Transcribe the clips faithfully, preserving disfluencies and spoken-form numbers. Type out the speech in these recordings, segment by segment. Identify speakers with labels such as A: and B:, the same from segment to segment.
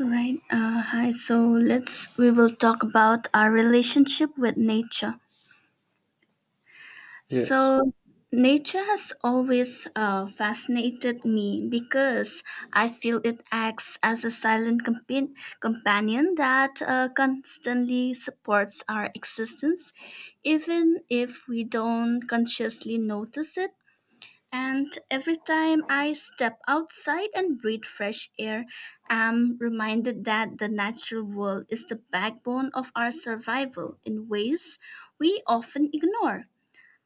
A: Right. Uh, hi. So let's we will talk about our relationship with nature.
B: Yes.
A: So nature has always uh, fascinated me because I feel it acts as a silent compa- companion that uh, constantly supports our existence, even if we don't consciously notice it. And every time I step outside and breathe fresh air, I'm reminded that the natural world is the backbone of our survival in ways we often ignore.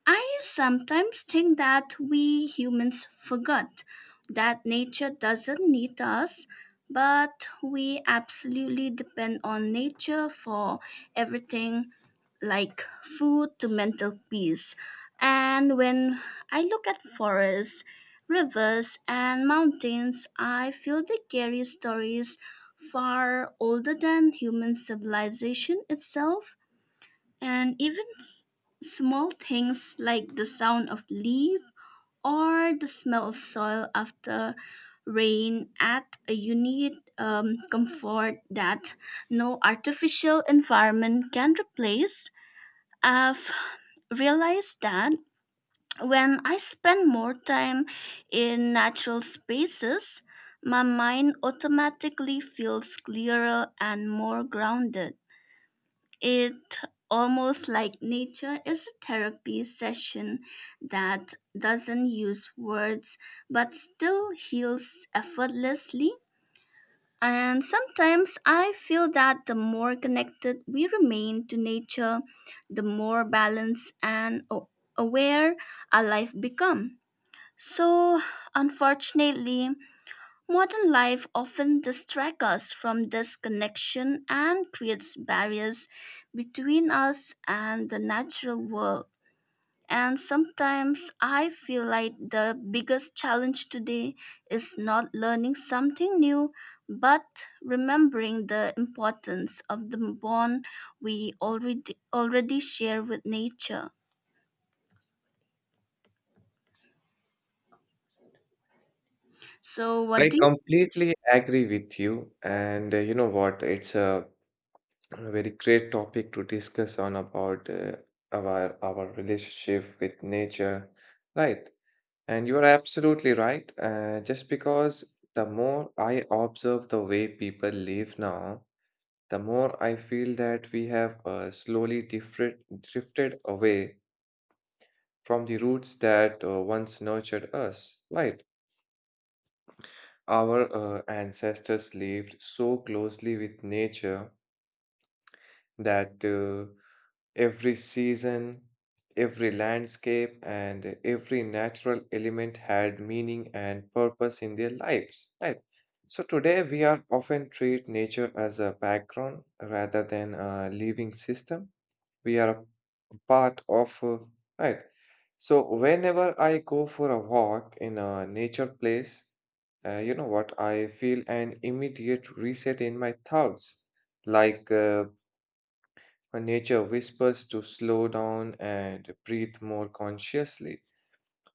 A: I sometimes think that we humans forgot that nature doesn't need us, but we absolutely depend on nature for everything, like food to mental peace. And when I look at forests, rivers, and mountains, I feel they carry stories far older than human civilization itself, and even s- small things like the sound of leaf or the smell of soil after rain add a unique um, comfort that no artificial environment can replace. I've realized that when I spend more time in natural spaces, my mind automatically feels clearer and more grounded. It almost like nature is a therapy session that doesn't use words but still heals effortlessly. And sometimes I feel that the more connected we remain to nature, the more balanced and a- aware our life become. So, unfortunately, modern life often distracts us from this connection and creates barriers between us and the natural world. And sometimes I feel like the biggest challenge today is not learning something new, but remembering the importance of the bond we already already share with nature. So what
B: I
A: do you
B: completely agree with you. And uh, you know what? It's a very great topic to discuss on about uh, our our relationship with nature, right? And you are absolutely right. Uh, just because the more I observe the way people live now, the more I feel that we have uh, slowly different, drifted away from the roots that uh, once nurtured us, right? Our uh, ancestors lived so closely with nature that uh, every season, every landscape, and every natural element had meaning and purpose in their lives, right? So today we are often treat nature as a background rather than a living system we are a part of, uh, right? So whenever I go for a walk in a nature place, uh, you know what, I feel an immediate reset in my thoughts. Like uh, nature whispers to slow down and breathe more consciously.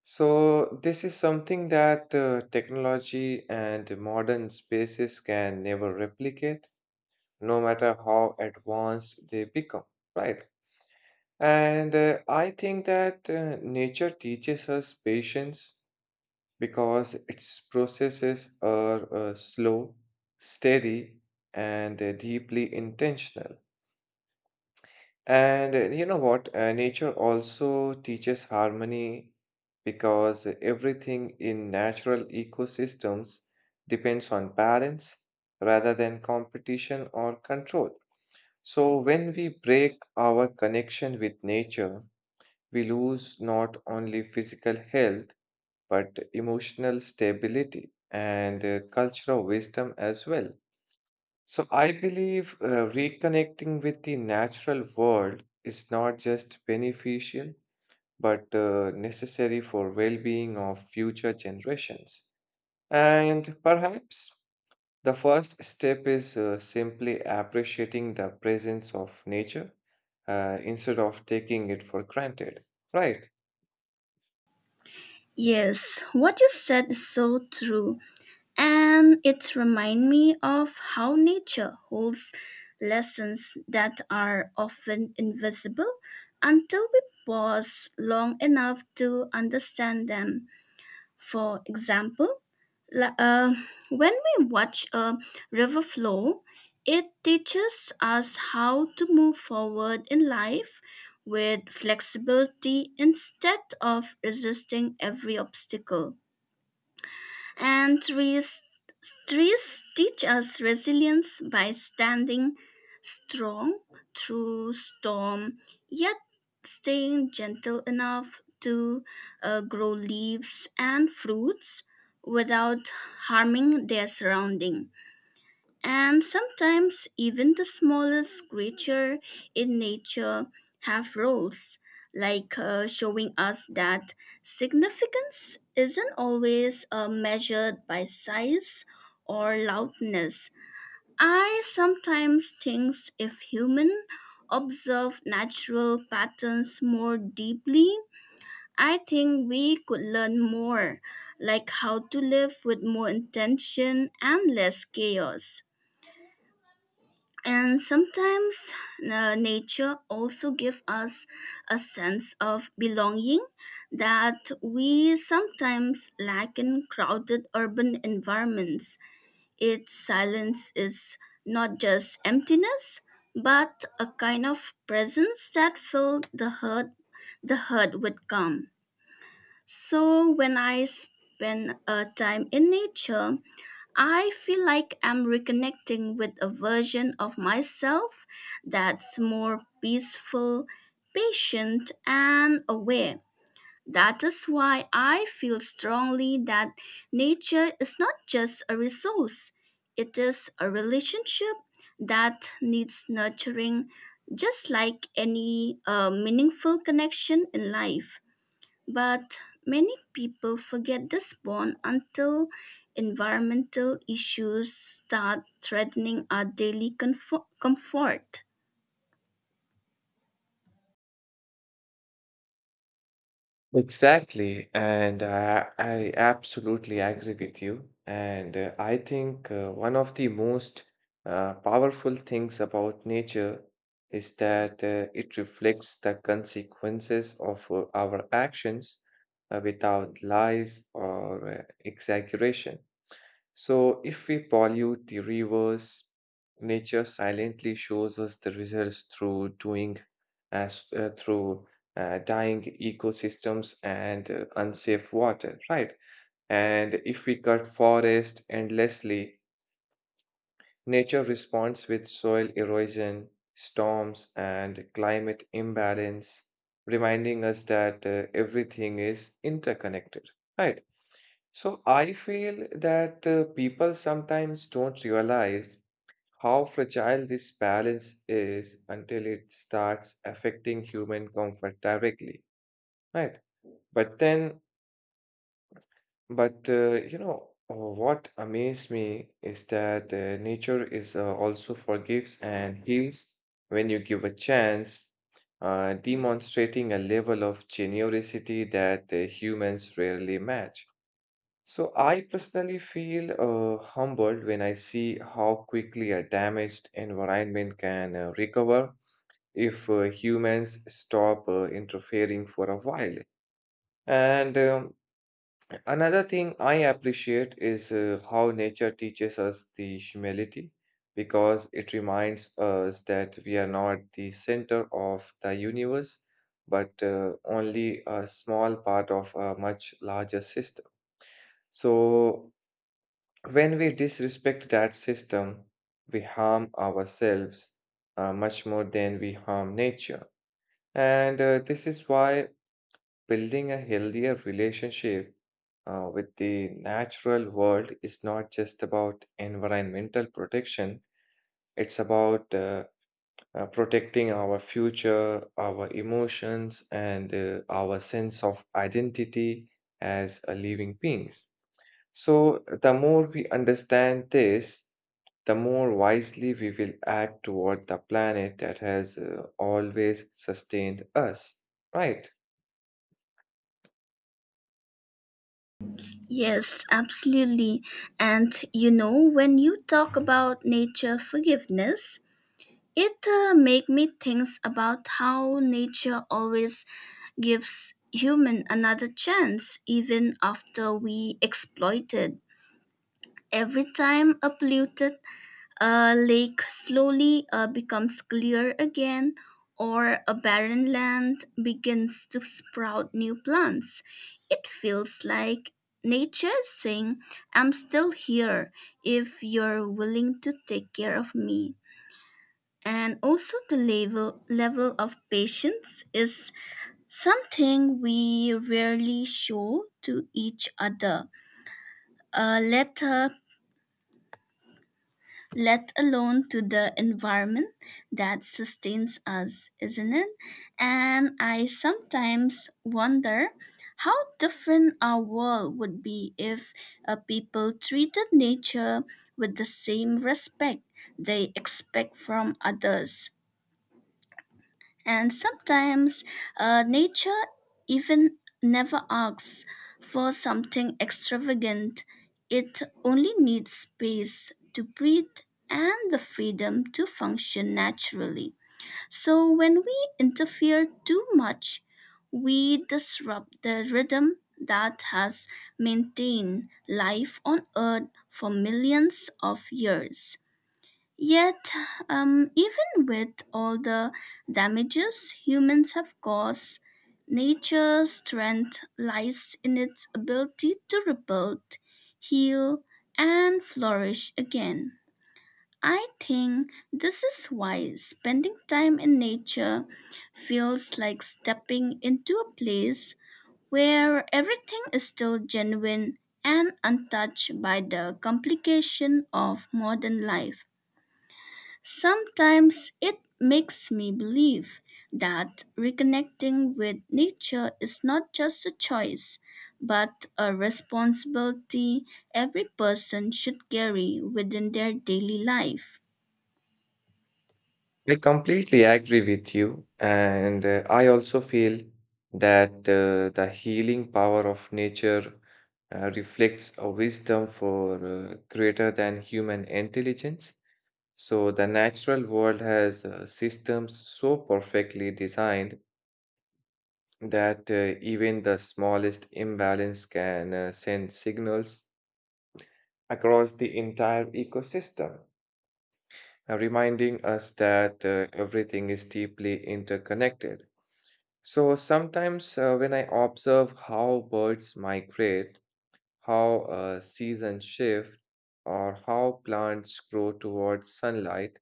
B: So this is something that uh, technology and modern spaces can never replicate, no matter how advanced they become, right? And uh, I think that uh, nature teaches us patience because its processes are uh, slow, steady, and uh, deeply intentional. And uh, you know what? Uh, nature also teaches harmony because everything in natural ecosystems depends on balance rather than competition or control. So when we break our connection with nature, we lose not only physical health, but emotional stability and uh, cultural wisdom as well. So I believe uh, reconnecting with the natural world is not just beneficial, but uh, necessary for well-being of future generations. And perhaps the first step is uh, simply appreciating the presence of nature uh, instead of taking it for granted, right?
A: Yes, what you said is so true, and it reminds me of how nature holds lessons that are often invisible until we pause long enough to understand them. For example, la- uh, when we watch a river flow, it teaches us how to move forward in life with flexibility instead of resisting every obstacle. And trees Trees teach us resilience by standing strong through storm, yet staying gentle enough to uh, grow leaves and fruits without harming their surrounding. And sometimes even the smallest creature in nature have roles, like uh, showing us that significance isn't always uh, measured by size or loudness. I sometimes think if humans observe natural patterns more deeply, I think we could learn more, like how to live with more intention and less chaos. And sometimes uh, nature also gives us a sense of belonging that we sometimes lack in crowded urban environments. Its silence is not just emptiness but a kind of presence that filled the herd the herd with calm. So when I spend a time in nature, I feel like I'm reconnecting with a version of myself that's more peaceful, patient, and aware. That is why I feel strongly that nature is not just a resource, it is a relationship that needs nurturing, just like any uh, meaningful connection in life. But many people forget the spawn until environmental issues start threatening our daily comfo- comfort.
B: Exactly, and uh, I absolutely agree with you. And uh, I think uh, one of the most uh, powerful things about nature is that uh, it reflects the consequences of uh, our actions uh, without lies or uh, exaggeration. So, if we pollute the rivers, nature silently shows us the results through doing, as uh, through uh, dying ecosystems and uh, unsafe water, right? And if we cut forest endlessly, nature responds with soil erosion, storms, and climate imbalance, reminding us that uh, everything is interconnected, right? So I feel that uh, people sometimes don't realize how fragile this balance is until it starts affecting human comfort directly, right? But then but uh, you know, uh, what amazed me is that uh, nature is uh, also forgives and heals when you give a chance, uh, demonstrating a level of generosity that uh, humans rarely match. So I personally feel uh, humbled when I see how quickly a damaged environment can uh, recover if uh, humans stop uh, interfering for a while. And um, another thing I appreciate is uh, how nature teaches us the humility because it reminds us that we are not the center of the universe but uh, only a small part of a much larger system. So, when we disrespect that system, we harm ourselves uh, much more than we harm nature. And uh, this is why building a healthier relationship uh, with the natural world is not just about environmental protection, it's about uh, uh, protecting our future, our emotions, and uh, our sense of identity as a living beings. So, the more we understand this, the more wisely we will act toward the planet that has uh, always sustained us, right?
A: Yes, absolutely. And you know, when you talk about nature forgiveness, it uh, make me think about how nature always gives human another chance even after we exploit it. Every time a polluted A lake slowly uh, becomes clear again, or a barren land begins to sprout new plants. It feels like nature is saying, I'm still here if you're willing to take care of me. And also, the level, level of patience is something we rarely show to each other. A letter let alone to the environment that sustains us, isn't it? And I sometimes wonder how different our world would be if uh, people treated nature with the same respect they expect from others. And sometimes uh, nature even never asks for something extravagant. It only needs space to breathe and the freedom to function naturally. So, when we interfere too much, we disrupt the rhythm that has maintained life on Earth for millions of years. Yet, um, even with all the damages humans have caused, nature's strength lies in its ability to rebuild, heal, and flourish again. I think this is why spending time in nature feels like stepping into a place where everything is still genuine and untouched by the complication of modern life. Sometimes it makes me believe that reconnecting with nature is not just a choice, but a responsibility every person should carry within their daily life.
B: I completely agree with you, and uh, I also feel that uh, the healing power of nature uh, reflects a wisdom for uh, greater than human intelligence. So, the natural world has uh, systems so perfectly designed that uh, even the smallest imbalance can uh, send signals across the entire ecosystem, uh, reminding us that uh, everything is deeply interconnected. So sometimes uh, when I observe how birds migrate, how uh, seasons shift, or how plants grow towards sunlight,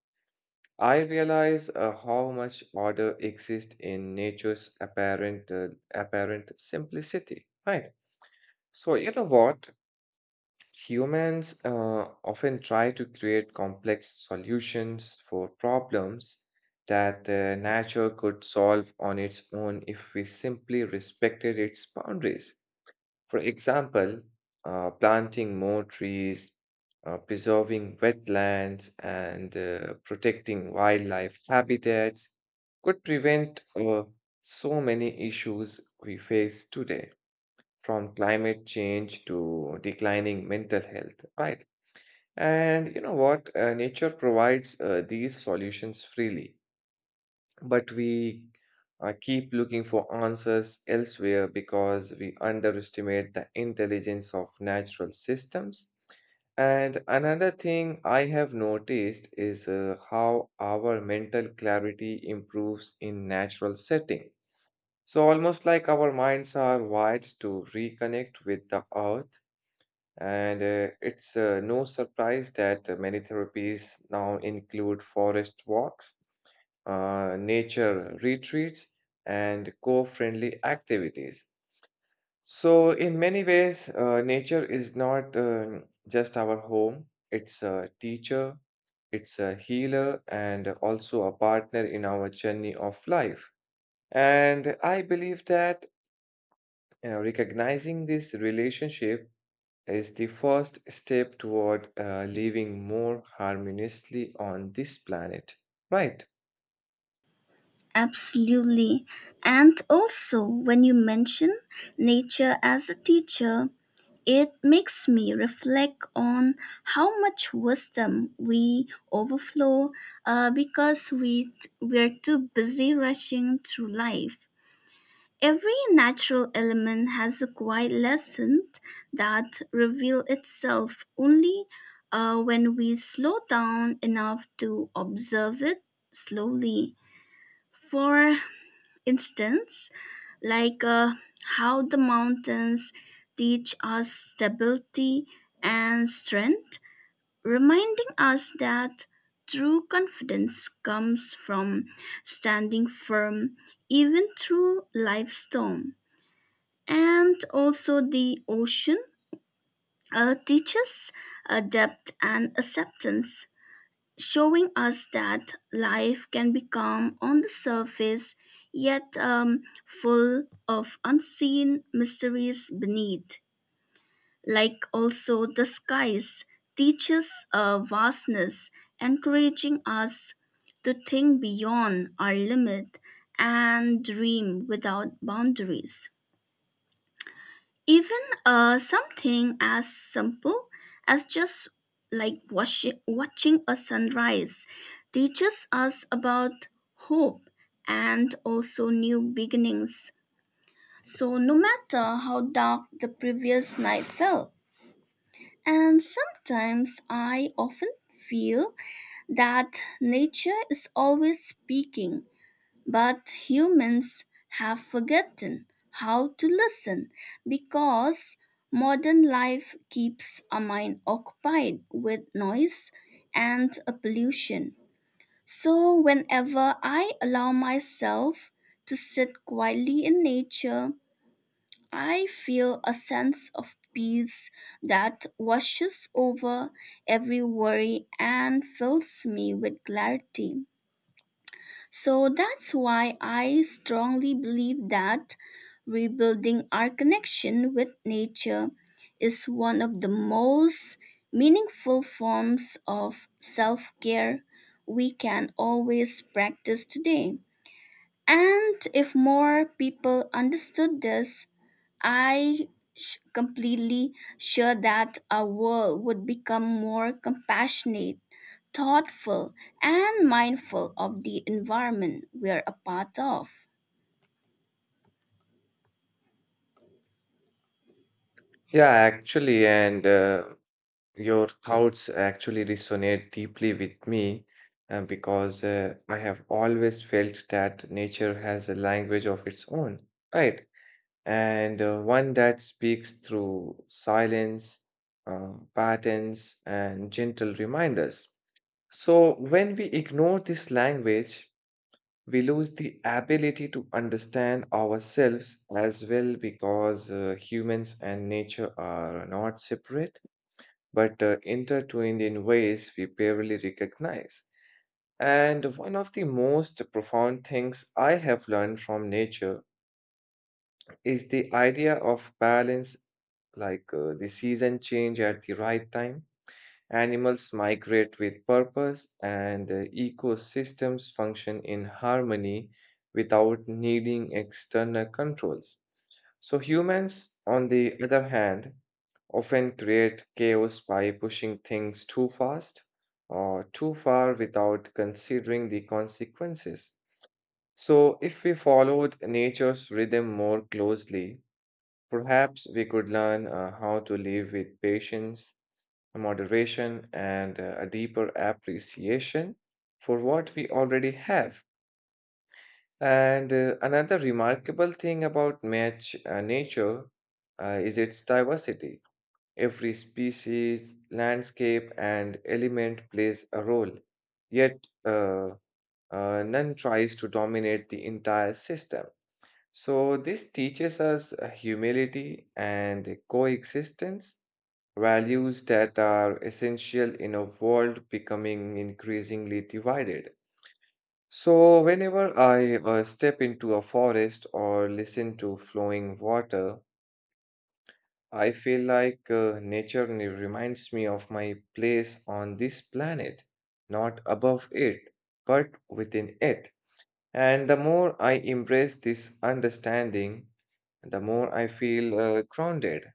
B: I realize uh, how much order exists in nature's apparent uh, apparent simplicity. Right. So you know what? Humans uh, often try to create complex solutions for problems that uh, nature could solve on its own if we simply respected its boundaries. For example, uh, planting more trees, uh, preserving wetlands, and uh, protecting wildlife habitats could prevent uh, so many issues we face today, from climate change to declining mental health, right? And you know what? Uh, nature provides uh, these solutions freely, but we uh, keep looking for answers elsewhere because we underestimate the intelligence of natural systems. And another thing I have noticed is uh, how our mental clarity improves in natural setting. So almost like our minds are wired to reconnect with the earth, and uh, it's uh, no surprise that uh, many therapies now include forest walks, uh, nature retreats, and co-friendly activities. So, in many ways, uh, nature is not um, just our home, it's a teacher, it's a healer, and also a partner in our journey of life. And I believe that uh, recognizing this relationship is the first step toward uh, living more harmoniously on this planet. Right.
A: Absolutely. And also, when you mention nature as a teacher, it makes me reflect on how much wisdom we overflow uh, because we t- we're too busy rushing through life. Every natural element has a quiet lesson that reveal itself only uh, when we slow down enough to observe it slowly. For instance, like uh, how the mountains teach us stability and strength, reminding us that true confidence comes from standing firm even through life's storm. And also, the ocean uh, teaches uh, depth and acceptance, showing us that life can be calm on the surface, yet um, full of unseen mysteries beneath. Like also the skies teaches a vastness, encouraging us to think beyond our limit and dream without boundaries. Even uh, something as simple as just like watching, watching a sunrise teaches us about hope and also new beginnings. So, no matter how dark the previous night felt, and sometimes I often feel that nature is always speaking but humans have forgotten how to listen because modern life keeps our mind occupied with noise and uh, pollution. So, whenever I allow myself to sit quietly in nature, I feel a sense of peace that washes over every worry and fills me with clarity. So that's why I strongly believe that rebuilding our connection with nature is one of the most meaningful forms of self care we can always practice today. And if more people understood this, I sh- completely sure that our world would become more compassionate, thoughtful, and mindful of the environment we're a part of.
B: Yeah, actually, and uh, your thoughts actually resonate deeply with me uh, because uh, I have always felt that nature has a language of its own, right? And uh, one that speaks through silence, uh, patterns, and gentle reminders. So when we ignore this language, we lose the ability to understand ourselves as well, because uh, humans and nature are not separate but uh, intertwined in ways we barely recognize. And one of the most profound things I have learned from nature is the idea of balance, like uh, the season change at the right time, animals migrate with purpose, and uh, ecosystems function in harmony without needing external controls. So, humans, on the other hand, often create chaos by pushing things too fast or too far without considering the consequences. So, if we followed nature's rhythm more closely, perhaps we could learn uh, how to live with patience, moderation, and uh, a deeper appreciation for what we already have. And uh, another remarkable thing about match, uh, nature uh, is its diversity. Every species, landscape, and element plays a role, yet, uh, uh, none tries to dominate the entire system. So, this teaches us uh, humility and coexistence, values that are essential in a world becoming increasingly divided. So, whenever I uh, step into a forest or listen to flowing water, I feel like uh, nature ne- reminds me of my place on this planet, not above it, but within it. And the more I embrace this understanding, the more I feel uh, grounded,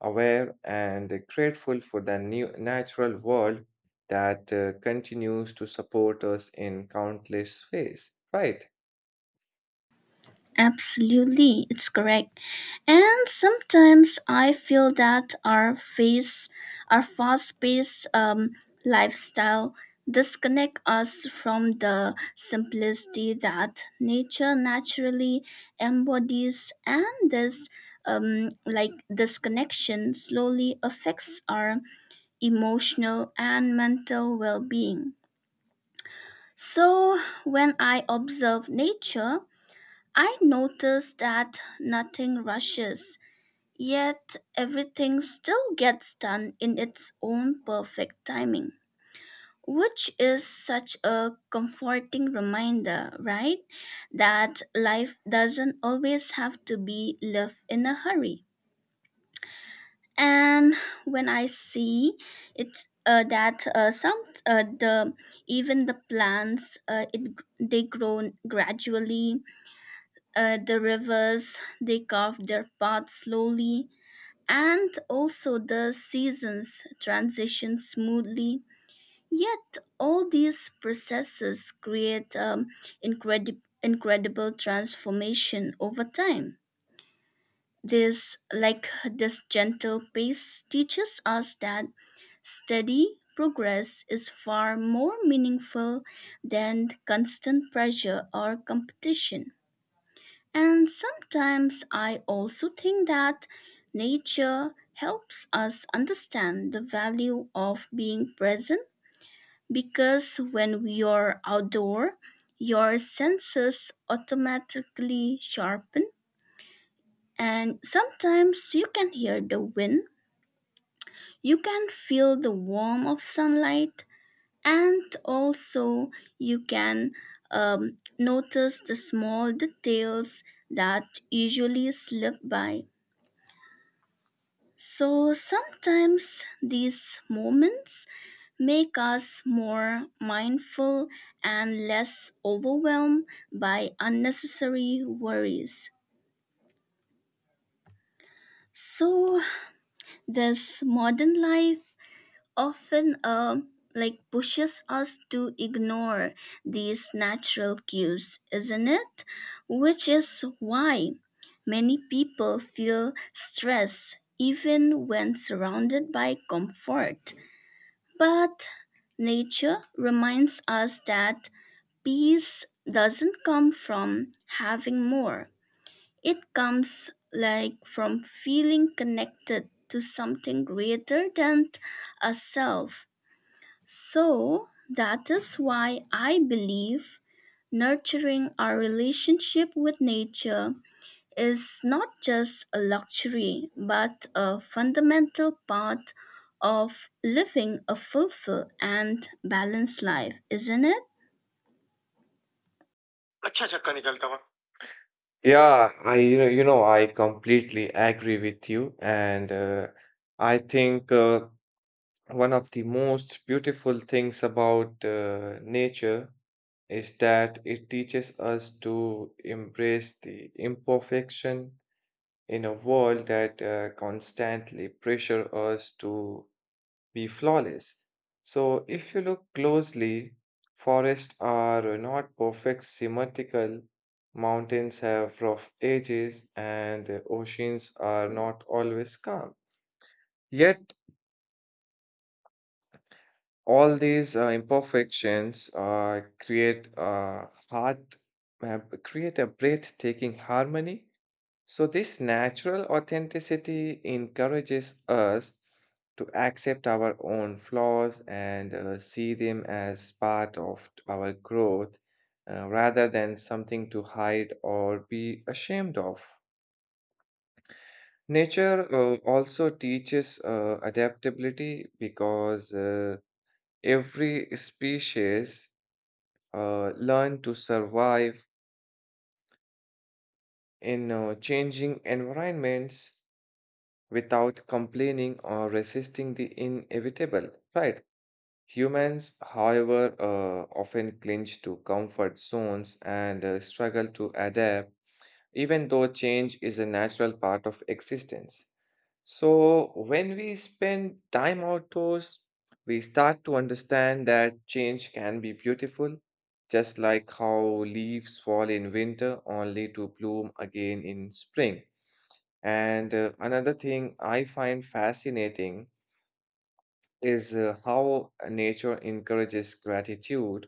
B: aware, and grateful for the new natural world that uh, continues to support us in countless ways, right?
A: Absolutely, it's correct. And sometimes I feel that our face, our fast-paced um, lifestyle disconnect us from the simplicity that nature naturally embodies, and this um, like disconnection slowly affects our emotional and mental well-being. So, when I observe nature, I notice that nothing rushes, yet everything still gets done in its own perfect timing, which is such a comforting reminder, right? That life doesn't always have to be lived in a hurry. And when I see it, uh, that uh, some uh, the even the plants uh, it they grow gradually. At the rivers, they carve their path slowly, and also the seasons transition smoothly. Yet, all these processes create um, incredi- incredible transformation over time. This, like this gentle pace, teaches us that steady progress is far more meaningful than constant pressure or competition. And sometimes I also think that nature helps us understand the value of being present because when we are outdoor, your senses automatically sharpen. And sometimes you can hear the wind, you can feel the warmth of sunlight, and also you can um, notice the small details that usually slip by. So sometimes these moments make us more mindful and less overwhelmed by unnecessary worries. So this modern life often uh, like pushes us to ignore these natural cues, isn't it? Which is why many people feel stress even when surrounded by comfort. But nature reminds us that peace doesn't come from having more. It comes like from feeling connected to something greater than a self. So that is why I believe nurturing our relationship with nature is not just a luxury but a fundamental part of living a fulfilled and balanced life, isn't it?
B: अच्छा चक्का निकलता हुआ. Yeah, I you know, you know I completely agree with you, and uh, I think uh, one of the most beautiful things about uh, nature is that it teaches us to embrace the imperfection in a world that uh, constantly pressure us to be flawless. So if you look closely, forests are not perfect symmetrical, mountains have rough edges, and uh, oceans are not always calm. Yet all these uh, imperfections uh, create a heart, uh, create a breathtaking harmony. So, this natural authenticity encourages us to accept our own flaws and uh, see them as part of our growth uh, rather than something to hide or be ashamed of. Nature uh, also teaches uh, adaptability because uh, every species uh, learn to survive in uh, changing environments without complaining or resisting the inevitable, right? Humans, however, uh, often clinch to comfort zones and uh, struggle to adapt, even though change is a natural part of existence. So, when we spend time outdoors, we start to understand that change can be beautiful, just like how leaves fall in winter only to bloom again in spring. And uh, another thing I find fascinating is uh, how nature encourages gratitude.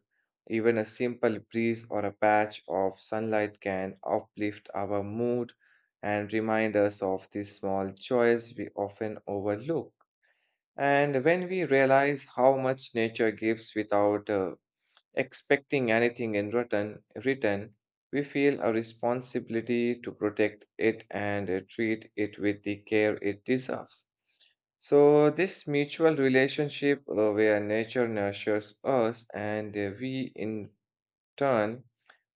B: Even a simple breeze or a patch of sunlight can uplift our mood and remind us of the small joys we often overlook. And when we realize how much nature gives without uh, expecting anything in return, return, we feel a responsibility to protect it and uh, treat it with the care it deserves. So, this mutual relationship, uh, where nature nurtures us and uh, we in turn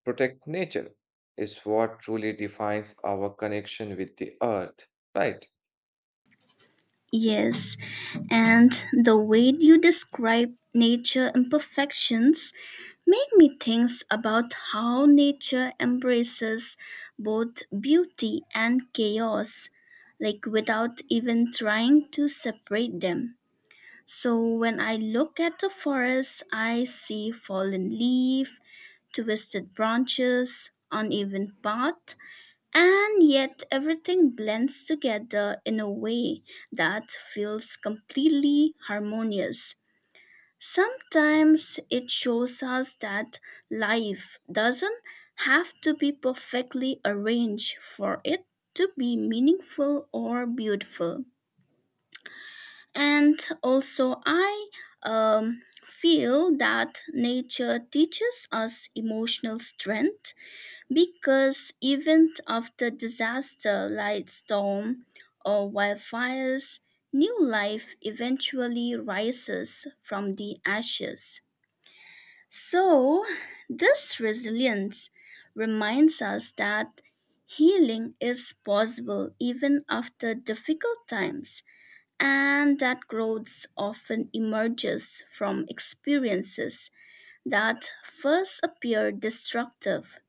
B: protect nature, is what truly defines our connection with the earth, right?
A: Yes, and the way you describe nature imperfections make me think about how nature embraces both beauty and chaos, like without even trying to separate them. So when I look at the forest, I see fallen leaf, twisted branches, uneven path, and yet everything blends together in a way that feels completely harmonious. Sometimes it shows us that life doesn't have to be perfectly arranged for it to be meaningful or beautiful. And also, I um, feel that nature teaches us emotional strength because even after disaster like storm or wildfires, new life eventually rises from the ashes. So, this resilience reminds us that healing is possible even after difficult times and that growth often emerges from experiences that first appear destructive.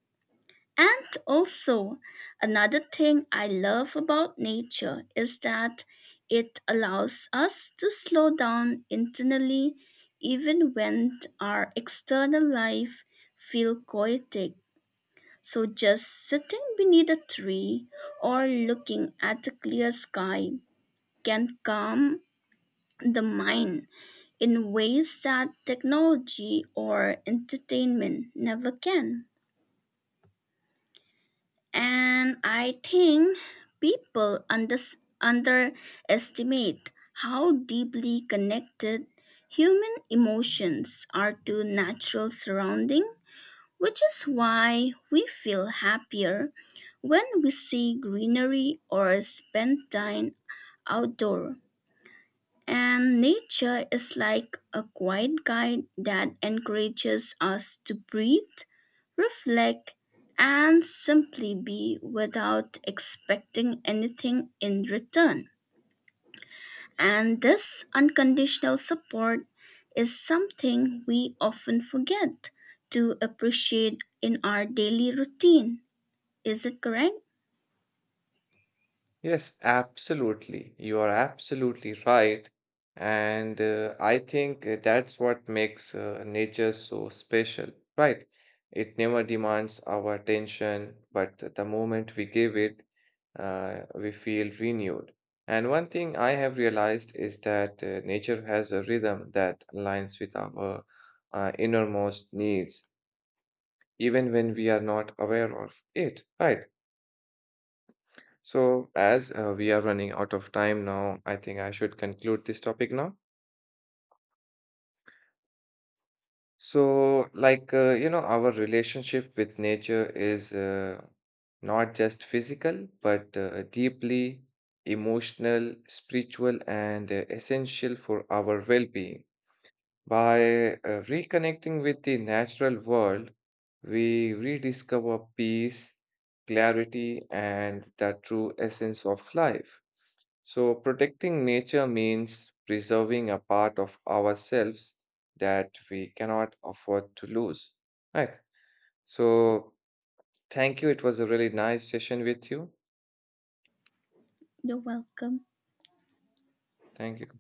A: And also, another thing I love about nature is that it allows us to slow down internally even when our external life feels chaotic. So just sitting beneath a tree or looking at a clear sky can calm the mind in ways that technology or entertainment never can. And I think people unders underestimate how deeply connected human emotions are to natural surrounding, which is why we feel happier when we see greenery or spend time outdoor. And nature is like a quiet guide that encourages us to breathe, reflect, and simply be without expecting anything in return. And this unconditional support is something we often forget to appreciate in our daily routine. Is it correct?
B: Yes, absolutely. You are absolutely right. And uh, I think uh, that's what makes uh, nature so special, right? It never demands our attention, but the moment we give it, uh, we feel renewed. And one thing I have realized is that uh, nature has a rhythm that aligns with our uh, innermost needs, even when we are not aware of it, right? So, as uh, we are running out of time now, I think I should conclude this topic now. So, like, uh, you know, our relationship with nature is uh, not just physical, but uh, deeply emotional, spiritual, and uh, essential for our well-being. By uh, reconnecting with the natural world, we rediscover peace, clarity, and the true essence of life. So, protecting nature means preserving a part of ourselves that we cannot afford to lose. Right. So, thank you. It was a really nice session with you.
A: You're welcome.
B: Thank you.